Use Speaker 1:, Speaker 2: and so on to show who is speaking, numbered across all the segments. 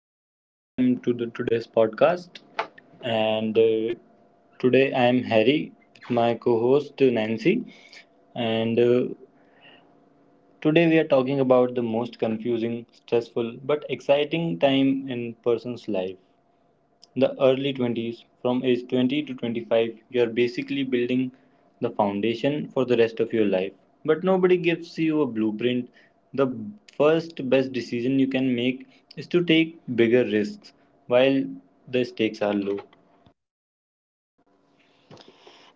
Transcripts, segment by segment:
Speaker 1: Hello and welcome to the today's podcast. And Today I am Harry with my co-host, Nancy. And Today we are talking about the most confusing, stressful, but exciting time in person's life, the early 20s. From age 20 to 25, you're basically building the foundation for the rest of your life. But nobody gives you a blueprint. The first best decision you can make is to take bigger risks while the stakes are low.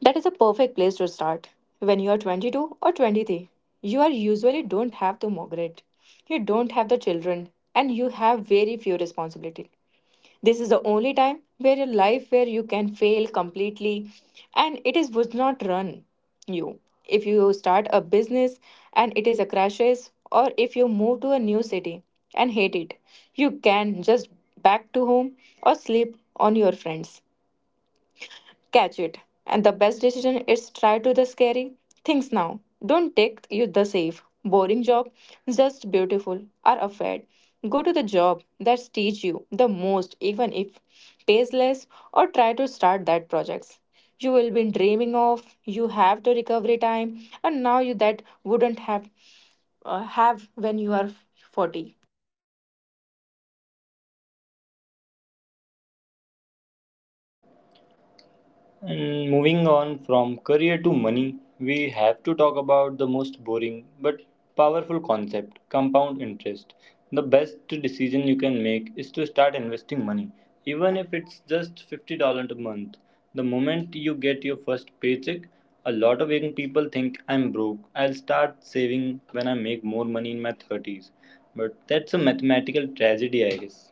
Speaker 2: That is a perfect place to start. When you are 22 or 23, you are usually don't have the mortgage, you don't have the children, and you have very few responsibility. This is the only time where your life where you can fail completely, and it is would not run you. If you start a business and it is a crashes, or if you move to a new city and hate it, you can just back to home or sleep on your friends catch it. And the best decision is try to the scary things now. Don't take you the safe, boring job, just beautiful or afraid. Go to the job that teach you the most, even if pays less, or try to start that projects you will be dreaming of. You have the recovery time, and now you that wouldn't have when you are 40.
Speaker 1: And moving on from career to money, we have to talk about the most boring but powerful concept, compound interest. The best decision you can make is to start investing money, even if it's just $50 a month. The moment you get your first paycheck, a lot of young people think I'm broke. I'll start saving when I make more money in my 30s. But that's a mathematical tragedy, I guess.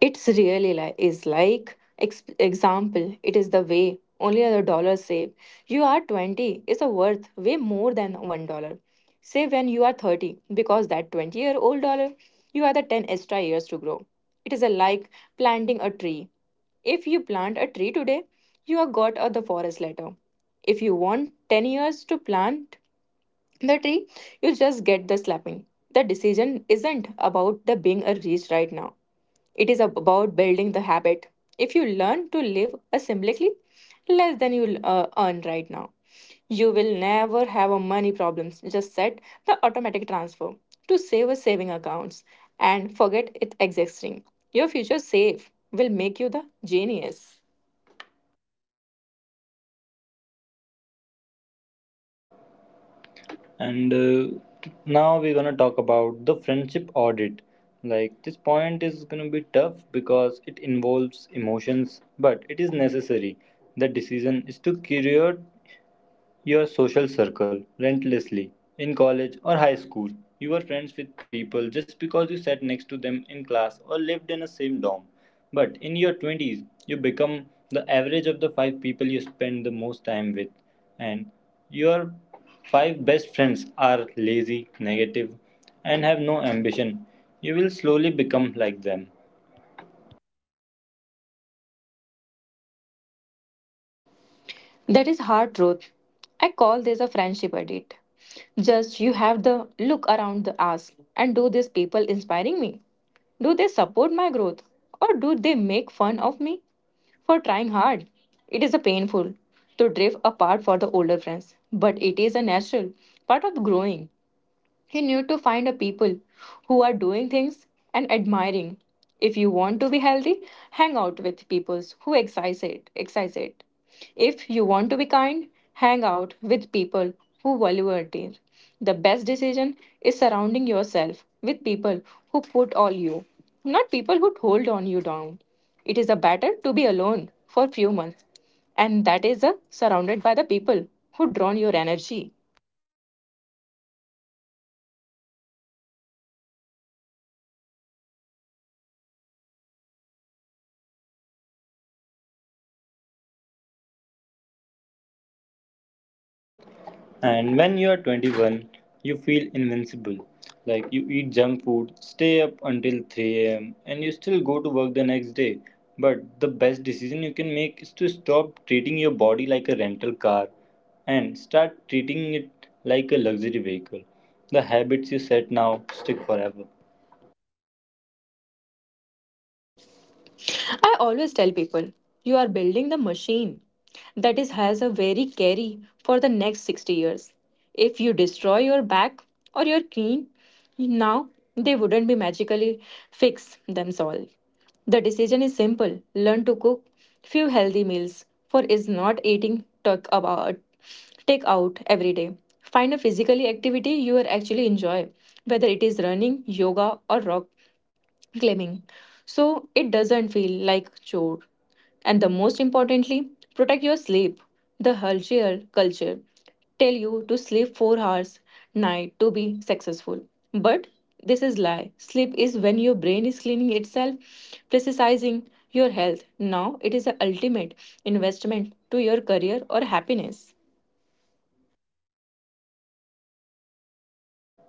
Speaker 2: It's really like is like example. It is the way only other dollar save. You are 20 is a worth way more than $1. Save when you are 30 because that 20 year old dollar you are the ten extra years to grow. It is a like planting a tree. If you plant a tree today, you are got a the forest later. If you want 10 years to plant the tree, you just get the slapping. The decision isn't about the being a rich right now. It is about building the habit. If you learn to live asymbolically less than you earn right now, you will never have a money problems. Just set the automatic transfer to save a saving accounts and forget it existing. Your future save will make you the genius.
Speaker 1: And Now we're gonna talk about the friendship audit. Like, this point is gonna be tough because it involves emotions, but it is necessary. The decision is to curate your social circle relentlessly. In college or high school, you were friends with people just because you sat next to them in class or lived in the same dorm. But in your 20s, you become the average of the five people you spend the most time with, and your five best friends are lazy, negative, and have no ambition. You will slowly become like them.
Speaker 2: That is hard truth. I call this a friendship audit. Just you have the look around the ask and do these people inspiring me? Do they support my growth? Or do they make fun of me for trying hard? It is a painful to drift apart for the older friends, but it is a natural part of growing. You need to find a people who are doing things and admiring. If you want to be healthy, hang out with people who exercise it, exercise it. If you want to be kind, hang out with people who value it. The best decision is surrounding yourself with people who put all you, not people who hold on you down. It is a better to be alone for few months, and that is a surrounded by the people who drain your energy.
Speaker 1: And when you are 21, you feel invincible. Like, you eat junk food, stay up until 3 a.m., and you still go to work the next day. But the best decision you can make is to stop treating your body like a rental car and start treating it like a luxury vehicle. The habits you set now stick forever.
Speaker 2: I always tell people, you are building the machine that is has a very carry for the next 60 years. If you destroy your back or your knee now, they wouldn't be magically fix themselves. The decision is simple. Learn to cook few healthy meals for is not eating talk about take out every day. Find a physically activity you are actually enjoy, whether it is running, yoga or rock claiming. So it doesn't feel like chore. And the most importantly, protect your sleep. The Hershey culture tell you to sleep 4 hours night to be successful. But this is lie. Sleep is when your brain is cleaning itself, precising your health. Now it is the ultimate investment to your career or happiness.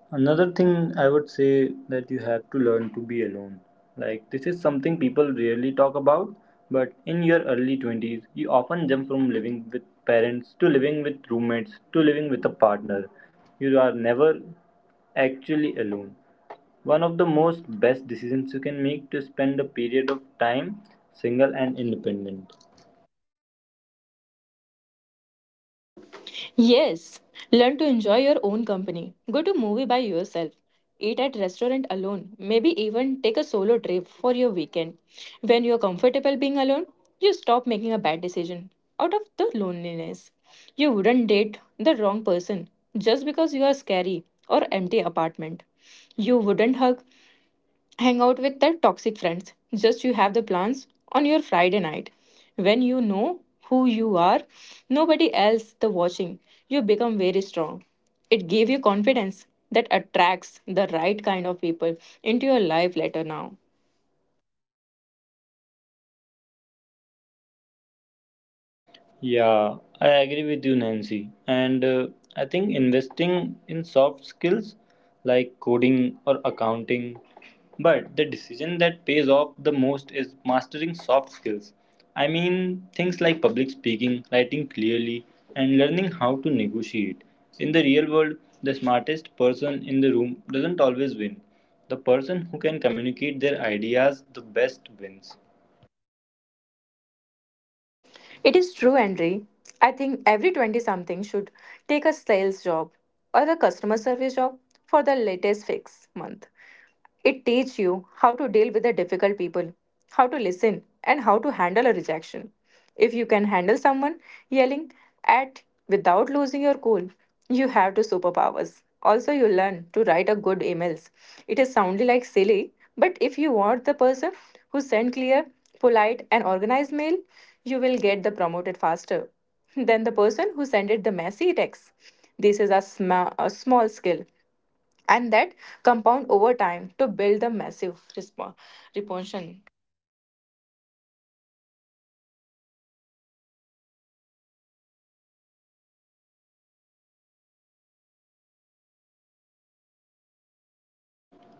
Speaker 1: Another thing I would say that you have to learn to be alone. Like, this is something people rarely talk about, but in your early 20s, you often jump from living with parents to living with roommates to living with a partner. You are never actually alone. One of the most best decisions you can make to spend a period of time single and independent.
Speaker 2: Yes, learn to enjoy your own company. Go to movie by yourself. Eat at restaurant alone. Maybe even take a solo trip for your weekend. When you're comfortable being alone, you stop making a bad decision out of the loneliness. You wouldn't date the wrong person just because you are scary or empty apartment. You wouldn't hug hang out with their toxic friends. Just you have the plans on your Friday night. When you know who you are, nobody else the watching, you become very strong. It gave you confidence that attracts the right kind of people into your life later now.
Speaker 1: Yeah, I agree with you, Nancy. And I think investing in soft skills like coding or accounting, but the decision that pays off the most is mastering soft skills. I mean, things like public speaking, writing clearly, and learning how to negotiate. In the real world, the smartest person in the room doesn't always win. The person who can communicate their ideas the best wins.
Speaker 2: It is true, Andre. I think every 20 something should take a sales job or a customer service job for the latest fix month. It teaches you how to deal with the difficult people, how to listen, and how to handle a rejection. If you can handle someone yelling at without losing your cool, you have the superpowers. Also, you learn to write a good emails. It is soundly like silly, but if you want the person who sent clear, polite, and organized mail, you will get the promoted faster than the person who sent it the messy text. This is a small skill and that compound over time to build the massive reponsion.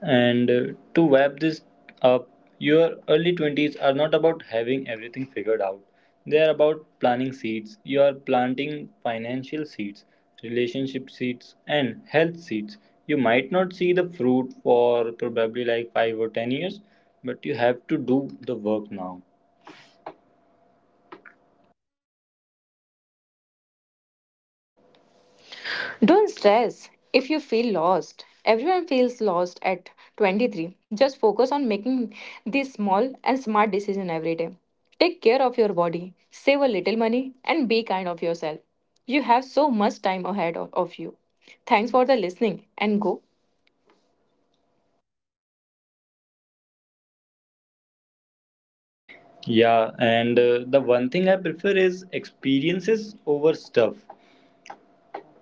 Speaker 1: And To wrap this up, your early 20s are not about having everything figured out. They are about planting seeds. You are planting financial seeds, relationship seeds, and health seeds. You might not see the fruit for probably like 5 or 10 years, but you have to do the work now.
Speaker 2: Don't stress if you feel lost. Everyone feels lost at 23. Just focus on making these small and smart decisions every day. Take care of your body, save a little money, and be kind of yourself. You have so much time ahead of you. Thanks for the listening and go.
Speaker 1: Yeah, and the one thing I prefer is experiences over stuff.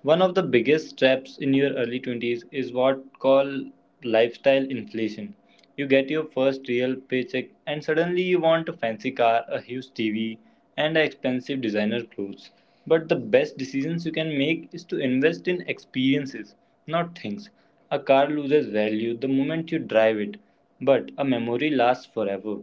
Speaker 1: One of the biggest traps in your early 20s is what call lifestyle inflation. You get your first real paycheck and suddenly you want a fancy car, a huge TV, and expensive designer clothes. But the best decisions you can make is to invest in experiences, not things. A car loses value the moment you drive it, but a memory lasts forever.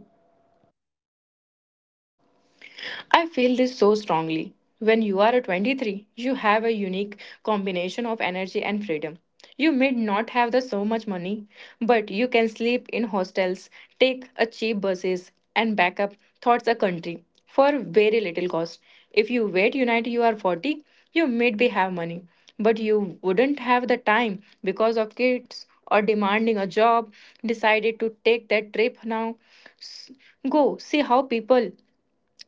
Speaker 2: I feel this so strongly. When you are 23, you have a unique combination of energy and freedom. You may not have the so much money, but you can sleep in hostels, take a cheap buses, and back up towards a country for very little cost. If you wait unite you are 40, you might be have money, but you wouldn't have the time because of kids or demanding a job. Decided to take that trip now. S- Go see how people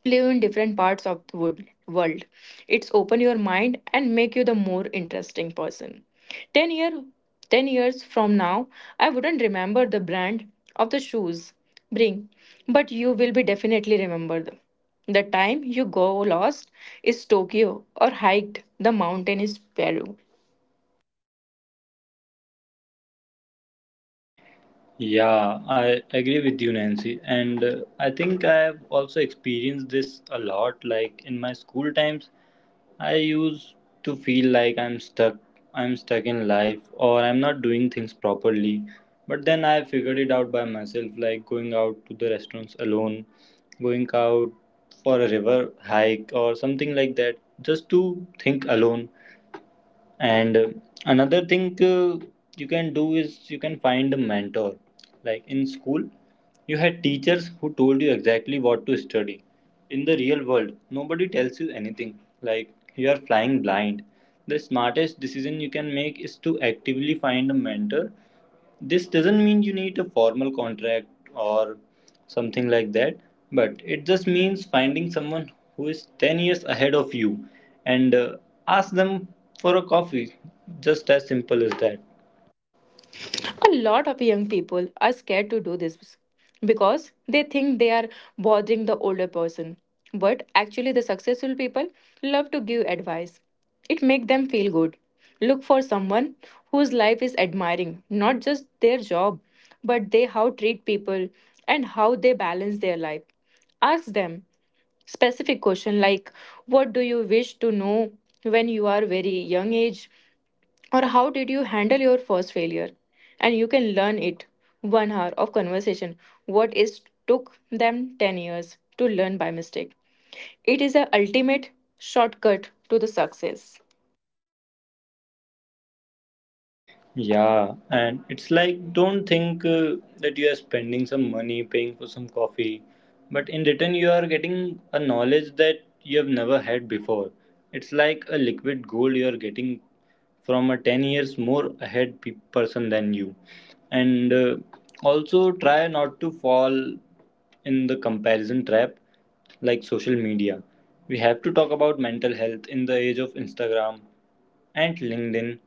Speaker 2: live in different parts of the world. It's open your mind and make you the more interesting person. 10 year 10 years from now, I wouldn't remember the brand of the shoes bring, but you will be definitely remember the time you go lost is Tokyo or hiked the mountain is Peru.
Speaker 1: Yeah, I agree with you, Nancy. And I think I have also experienced this a lot. Like, in my school times, I used to feel like I'm stuck in life, or I'm not doing things properly. But then I figured it out by myself, like going out to the restaurants alone, going out for a river hike, or something like that, just to think alone. And Another thing, you can do is you can find a mentor. Like, in school you had teachers who told you exactly what to study. In the real world, nobody tells you anything. Like, you are flying blind. The smartest decision you can make is to actively find a mentor. This doesn't mean you need a formal contract or something like that, but it just means finding someone who is 10 years ahead of you, and ask them for a coffee, just as simple as that.
Speaker 2: A lot of young people are scared to do this because they think they are bothering the older person. But actually, the successful people love to give advice. It makes them feel good. Look for someone whose life is admiring, not just their job, but they how treat people and how they balance their life. Ask them specific question like what do you wish to know when you are very young age, or how did you handle your first failure, and you can learn it 1 hour of conversation what is took them 10 years to learn by mistake. It is the ultimate shortcut to the success.
Speaker 1: Yeah, and it's like, don't think that you are spending some money paying for some coffee, but in return, you are getting a knowledge that you have never had before. It's like a liquid gold you are getting from a 10 years more ahead person than you. And Also, try not to fall in the comparison trap, like social media. We have to talk about mental health in the age of Instagram and LinkedIn.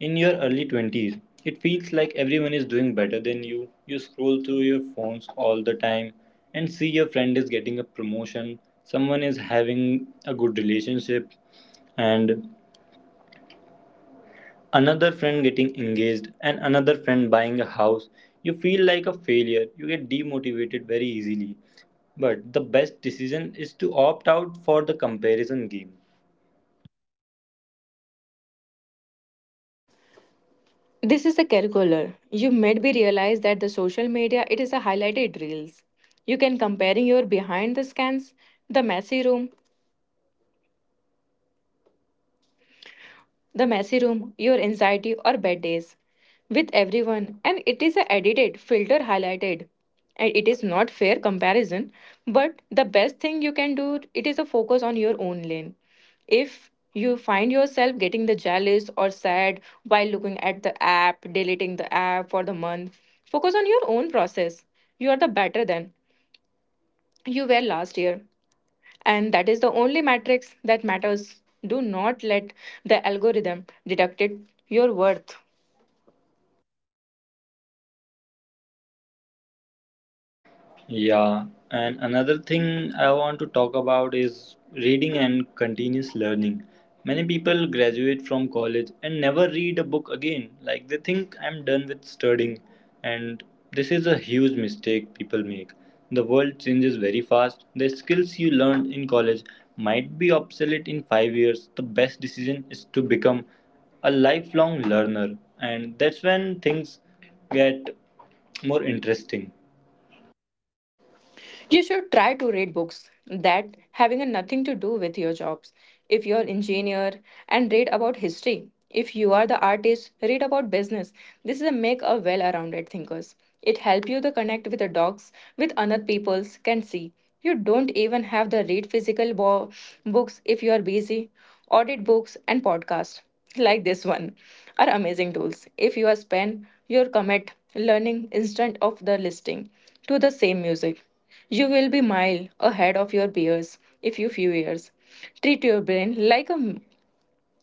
Speaker 1: In your early 20s, it feels like everyone is doing better than you. You scroll through your phones all the time and see your friend is getting a promotion, someone is having a good relationship, and another friend getting engaged, and another friend buying a house. You feel like a failure. You get demotivated very easily. But the best decision is to opt out for the comparison game.
Speaker 2: This is the curricular you made me realize that the social media it is a highlighted reels you can comparing your behind the scans, the messy room the messy room, your anxiety, or bad days with everyone, and it is a edited, filter highlighted. And it is not fair comparison, but the best thing you can do it is a focus on your own lane. If you find yourself getting the jealous or sad while looking at the app, deleting the app for the month, focus on your own process. You are the better than you were last year, and that is the only matrix that matters. Do not let the algorithm deduct it your worth.
Speaker 1: Yeah, and another thing I want to talk about is reading and continuous learning. Many people graduate from college and never read a book again. Like, they think I'm done with studying, and this is a huge mistake people make. The world changes very fast. The skills you learned in college might be obsolete in 5 years. The best decision is to become a lifelong learner, and that's when things get more interesting.
Speaker 2: You should try to read books that having a nothing to do with your jobs. If you're engineer and read about history. If you are the artist, read about business. This is a make a well-rounded thinkers. It help you to connect with the dogs with other people's can see. You don't even have the read physical books if you are busy. Audit books and podcasts like this one are amazing tools. If you are spend your commit learning instead of the listening to the same music, you will be mile ahead of your peers if you few years. Treat your brain like a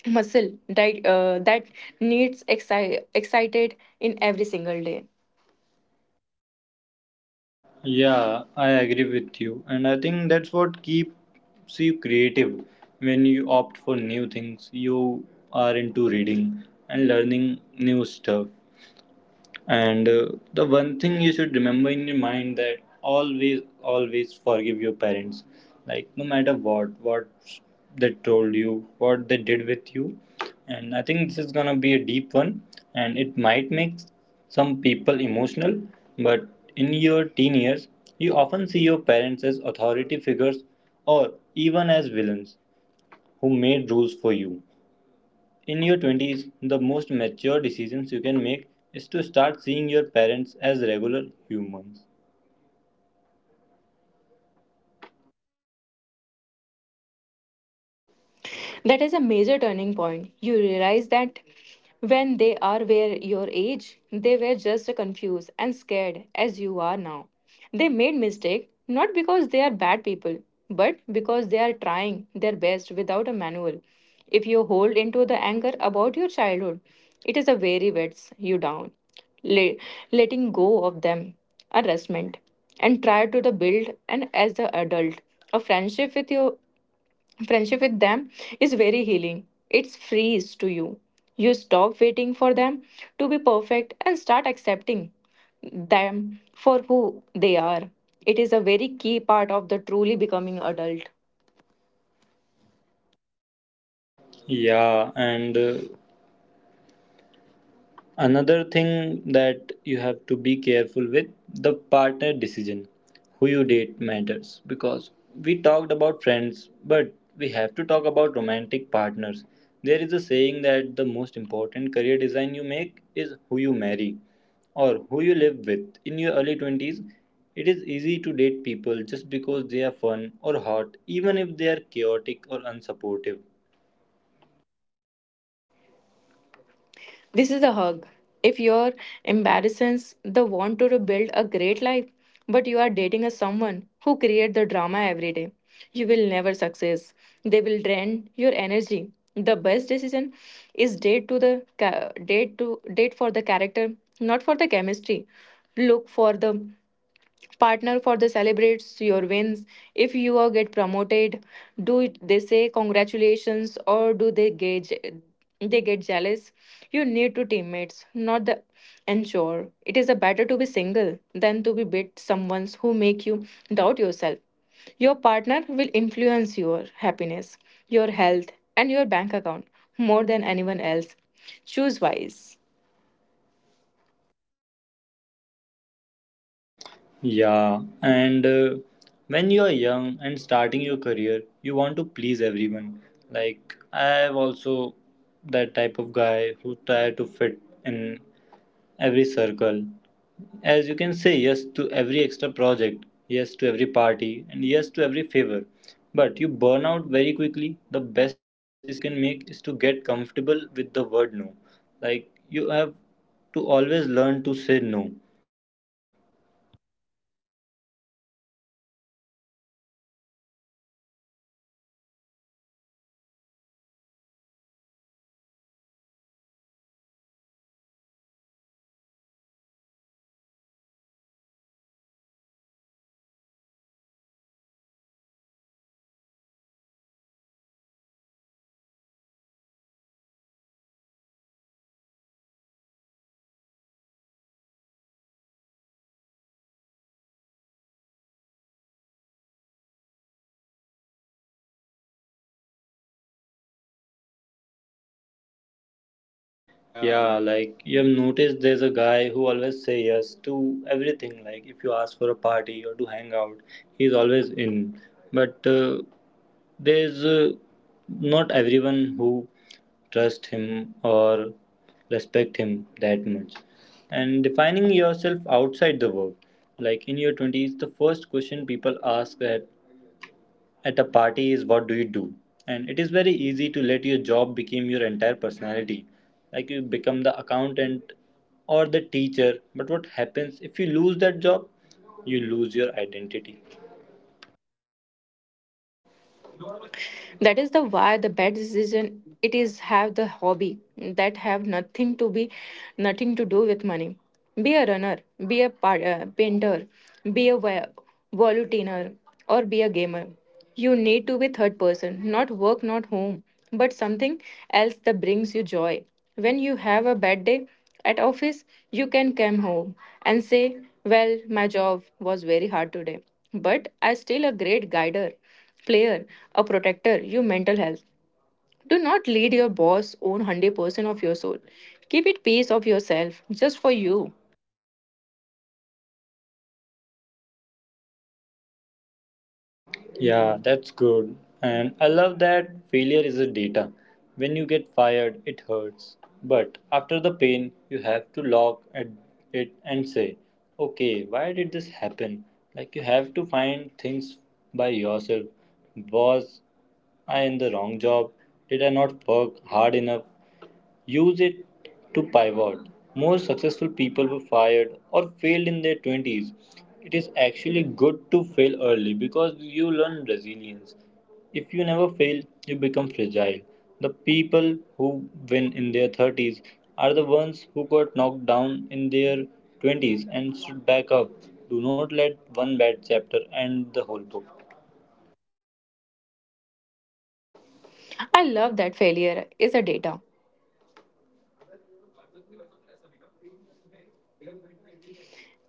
Speaker 2: muscle that needs excited in every single day.
Speaker 1: Yeah, I agree with you, and I think that's what keeps you creative. When you opt for new things, you are into reading and learning new stuff. And The one thing you should remember in your mind that always, always forgive your parents. Like, no matter what, they told you, what they did with you. And I think this is gonna be a deep one, and it might make some people emotional. But in your teen years, you often see your parents as authority figures or even as villains who made rules for you. In your 20s, the most mature decisions you can make is to start seeing your parents as regular humans.
Speaker 2: That is a major turning point. You realize that when they are were your age, they were just confused and scared as you are now. They made mistake not because they are bad people, but because they are trying their best without a manual. If you hold into the anger about your childhood, it is a very wets you down. Le- letting go of them, a restment, and try to the build and as the adult a friendship with them is very healing. It's frees to you. You stop waiting for them to be perfect and start accepting them for who they are. It is a very key part of the truly becoming adult.
Speaker 1: Yeah, and another thing that you have to be careful with, the partner decision. Who you date matters, because we talked about friends, but we have to talk about romantic partners. There is a saying that the most important career design you make is who you marry or who you live with. In your early 20s, it is easy to date people just because they are fun or hot, even if they are chaotic or unsupportive.
Speaker 2: This is a hug. If your embarrassance the want to build a great life, but you are dating a someone who create the drama every day, you will never success. They will drain your energy. The best decision is date to the ca- date to date for the character, not for the chemistry. Look for the partner for the celebrates your wins. If you are get promoted, they say congratulations, or do they gauge they get jealous. You need to teammates, not the ensure. It is a better to be single than to be with someone who make you doubt yourself. Your partner will influence your happiness, your health, and your bank account more than anyone else. Choose wise.
Speaker 1: Yeah, and when you are young and starting your career, you want to please everyone. Like, I'm also that type of guy who try to fit in every circle. As you can say yes to every extra project, yes to every party, and yes to every favor. But you burn out very quickly. The best decision you can make is to get comfortable with the word no. Like, you have to always learn to say no.
Speaker 2: Yeah,
Speaker 1: Yeah, like, you have noticed there's a guy who always say yes to everything. Like, if you ask for a party or to hang out, he's always in. But there's Not everyone who trust him or respect him that much. And defining yourself outside the work. Like, in your 20s, the first question people ask that at a party is what do you do, and it is very easy to let your job become your entire personality. Like, you become the accountant or the teacher. But what happens if you lose that job? You lose your identity.
Speaker 2: that is the why the bad decision it is have the hobby that have nothing to do with money. Be a runner, be a painter, be a volunteer, or be a gamer. You need to be third person, not work, not home, but something else that brings you joy. When you have a bad day at office, you can come home and say, well, my job was very hard today, but I still a great guider player, a protector, your mental health. Do not lead your boss own 100% of your soul. Keep it piece of yourself just for you.
Speaker 1: Yeah, that's good. And I love that failure is a data. When you get fired, it hurts. But after the pain, you have to look at it and say, okay, why did this happen? Like, you have to find things by yourself. Was I in the wrong job? Did I not work hard enough? Use it to pivot. Most successful people were fired or failed in their 20s. It is actually good to fail early because you learn resilience. If you never fail, you become fragile. The people who win in their 30s are the ones who got knocked down in their 20s and stood back up. Do not let one bad chapter end the whole book.
Speaker 2: I love that failure is a data.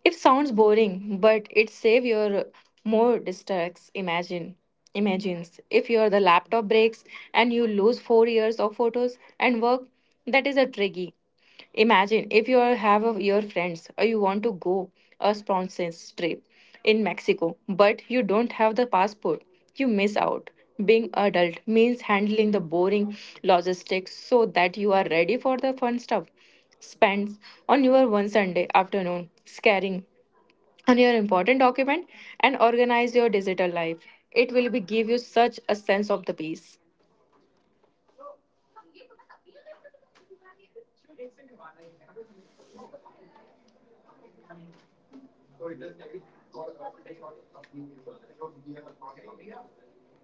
Speaker 2: It sounds boring, but it save your more distracts. Imagines if your the laptop breaks and you lose 4 years of photos and work. That is a tricky. Imagine if your friends or you want to go a sponsor's trip in Mexico, but you don't have the passport. You miss out. Being adult means handling the boring logistics so that you are ready for the fun stuff spends on your one Sunday afternoon scaring on your important document and organize your digital life. It will be give you such a sense of the peace.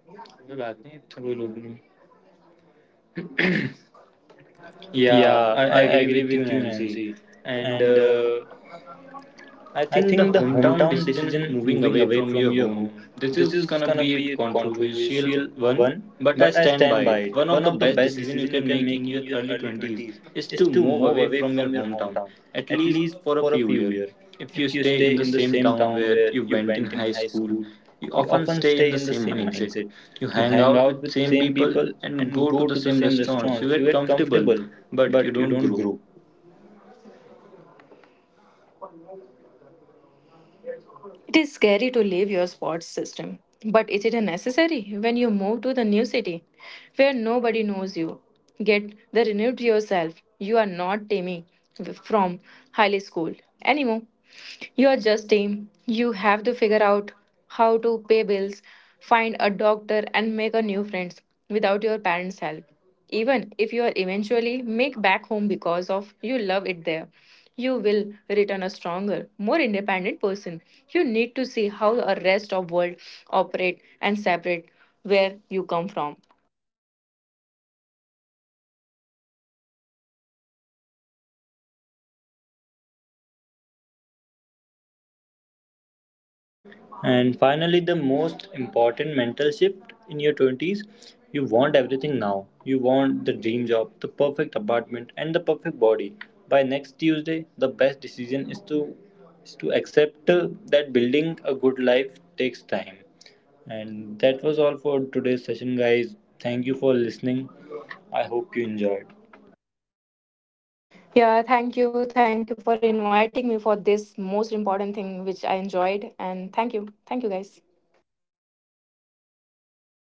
Speaker 2: कोई बात नहीं through लोग में। Yeah,
Speaker 1: Yeah,
Speaker 2: I
Speaker 1: I
Speaker 2: agree
Speaker 1: agree
Speaker 2: with you,
Speaker 1: with you,
Speaker 2: Nancy.
Speaker 1: Nancy.
Speaker 2: And
Speaker 1: And
Speaker 2: uh, I
Speaker 1: I
Speaker 2: think the
Speaker 1: think the
Speaker 2: hometown
Speaker 1: hometown
Speaker 2: decision
Speaker 1: decision,
Speaker 2: moving
Speaker 1: moving
Speaker 2: away
Speaker 1: away
Speaker 2: from
Speaker 1: from
Speaker 2: your
Speaker 1: your
Speaker 2: home.
Speaker 1: home.
Speaker 2: This
Speaker 1: This
Speaker 2: is
Speaker 1: is
Speaker 2: gonna
Speaker 1: gonna
Speaker 2: be a
Speaker 1: be a
Speaker 2: controversial
Speaker 1: controversial
Speaker 2: one,
Speaker 1: one,
Speaker 2: but I
Speaker 1: but I
Speaker 2: stand by
Speaker 1: stand by
Speaker 2: it.
Speaker 1: it.
Speaker 2: One of
Speaker 1: One
Speaker 2: the
Speaker 1: of the
Speaker 2: best
Speaker 1: best
Speaker 2: decisions you
Speaker 1: decisions you
Speaker 2: can
Speaker 1: can
Speaker 2: make in
Speaker 1: make in
Speaker 2: your
Speaker 1: your
Speaker 2: early
Speaker 1: early
Speaker 2: 20s
Speaker 1: 20s
Speaker 2: is
Speaker 1: is
Speaker 2: to
Speaker 1: to
Speaker 2: move
Speaker 1: move
Speaker 2: away
Speaker 1: away
Speaker 2: from your
Speaker 1: from your
Speaker 2: hometown,
Speaker 1: hometown,
Speaker 2: at
Speaker 1: at
Speaker 2: least
Speaker 1: least
Speaker 2: for a
Speaker 1: for a
Speaker 2: few
Speaker 1: few
Speaker 2: years.
Speaker 1: years.
Speaker 2: If you
Speaker 1: If you
Speaker 2: stay
Speaker 1: stay
Speaker 2: in the
Speaker 1: in the
Speaker 2: same
Speaker 1: same
Speaker 2: town
Speaker 1: town
Speaker 2: where
Speaker 1: where
Speaker 2: you
Speaker 1: you
Speaker 2: went in
Speaker 1: went in
Speaker 2: high
Speaker 1: high
Speaker 2: school,
Speaker 1: school,
Speaker 2: you
Speaker 1: you
Speaker 2: often
Speaker 1: often
Speaker 2: stay in
Speaker 1: stay
Speaker 2: the
Speaker 1: in the
Speaker 2: same
Speaker 1: same
Speaker 2: mindset.
Speaker 1: mindset.
Speaker 2: You
Speaker 1: You
Speaker 2: hang
Speaker 1: hang
Speaker 2: out
Speaker 1: out
Speaker 2: with
Speaker 1: with
Speaker 2: same
Speaker 1: same
Speaker 2: people
Speaker 1: people
Speaker 2: and
Speaker 1: and
Speaker 2: go to
Speaker 1: go
Speaker 2: the
Speaker 1: to the
Speaker 2: same
Speaker 1: same
Speaker 2: restaurants. You
Speaker 1: restaurants. You
Speaker 2: get
Speaker 1: get
Speaker 2: comfortable,
Speaker 1: comfortable,
Speaker 2: but you
Speaker 1: but you
Speaker 2: don't
Speaker 1: don't
Speaker 2: grow.
Speaker 1: grow.
Speaker 2: It is scary to leave your sports system, but is it necessary when you move to the new city where nobody knows you? Get the renewed yourself. You are not Tammy from high school anymore. You are just team. You have to figure out how to pay bills, find a doctor, and make a new friends without your parents' help. Even if you are eventually make back home because of you love it there, you will return a stronger, more independent person. You need to see how the rest of world operate and separate where you come from.
Speaker 1: And finally, the most important mental shift in your 20s. You want everything now. You want the dream job, the perfect apartment, and the perfect body. By next Tuesday, the best decision is to accept that building a good life takes time. And that was all for today's session, guys. Thank you for listening. I hope you enjoyed.
Speaker 2: Yeah, thank you. Thank you for inviting me for this most important thing which I enjoyed and thank you. Thank you guys.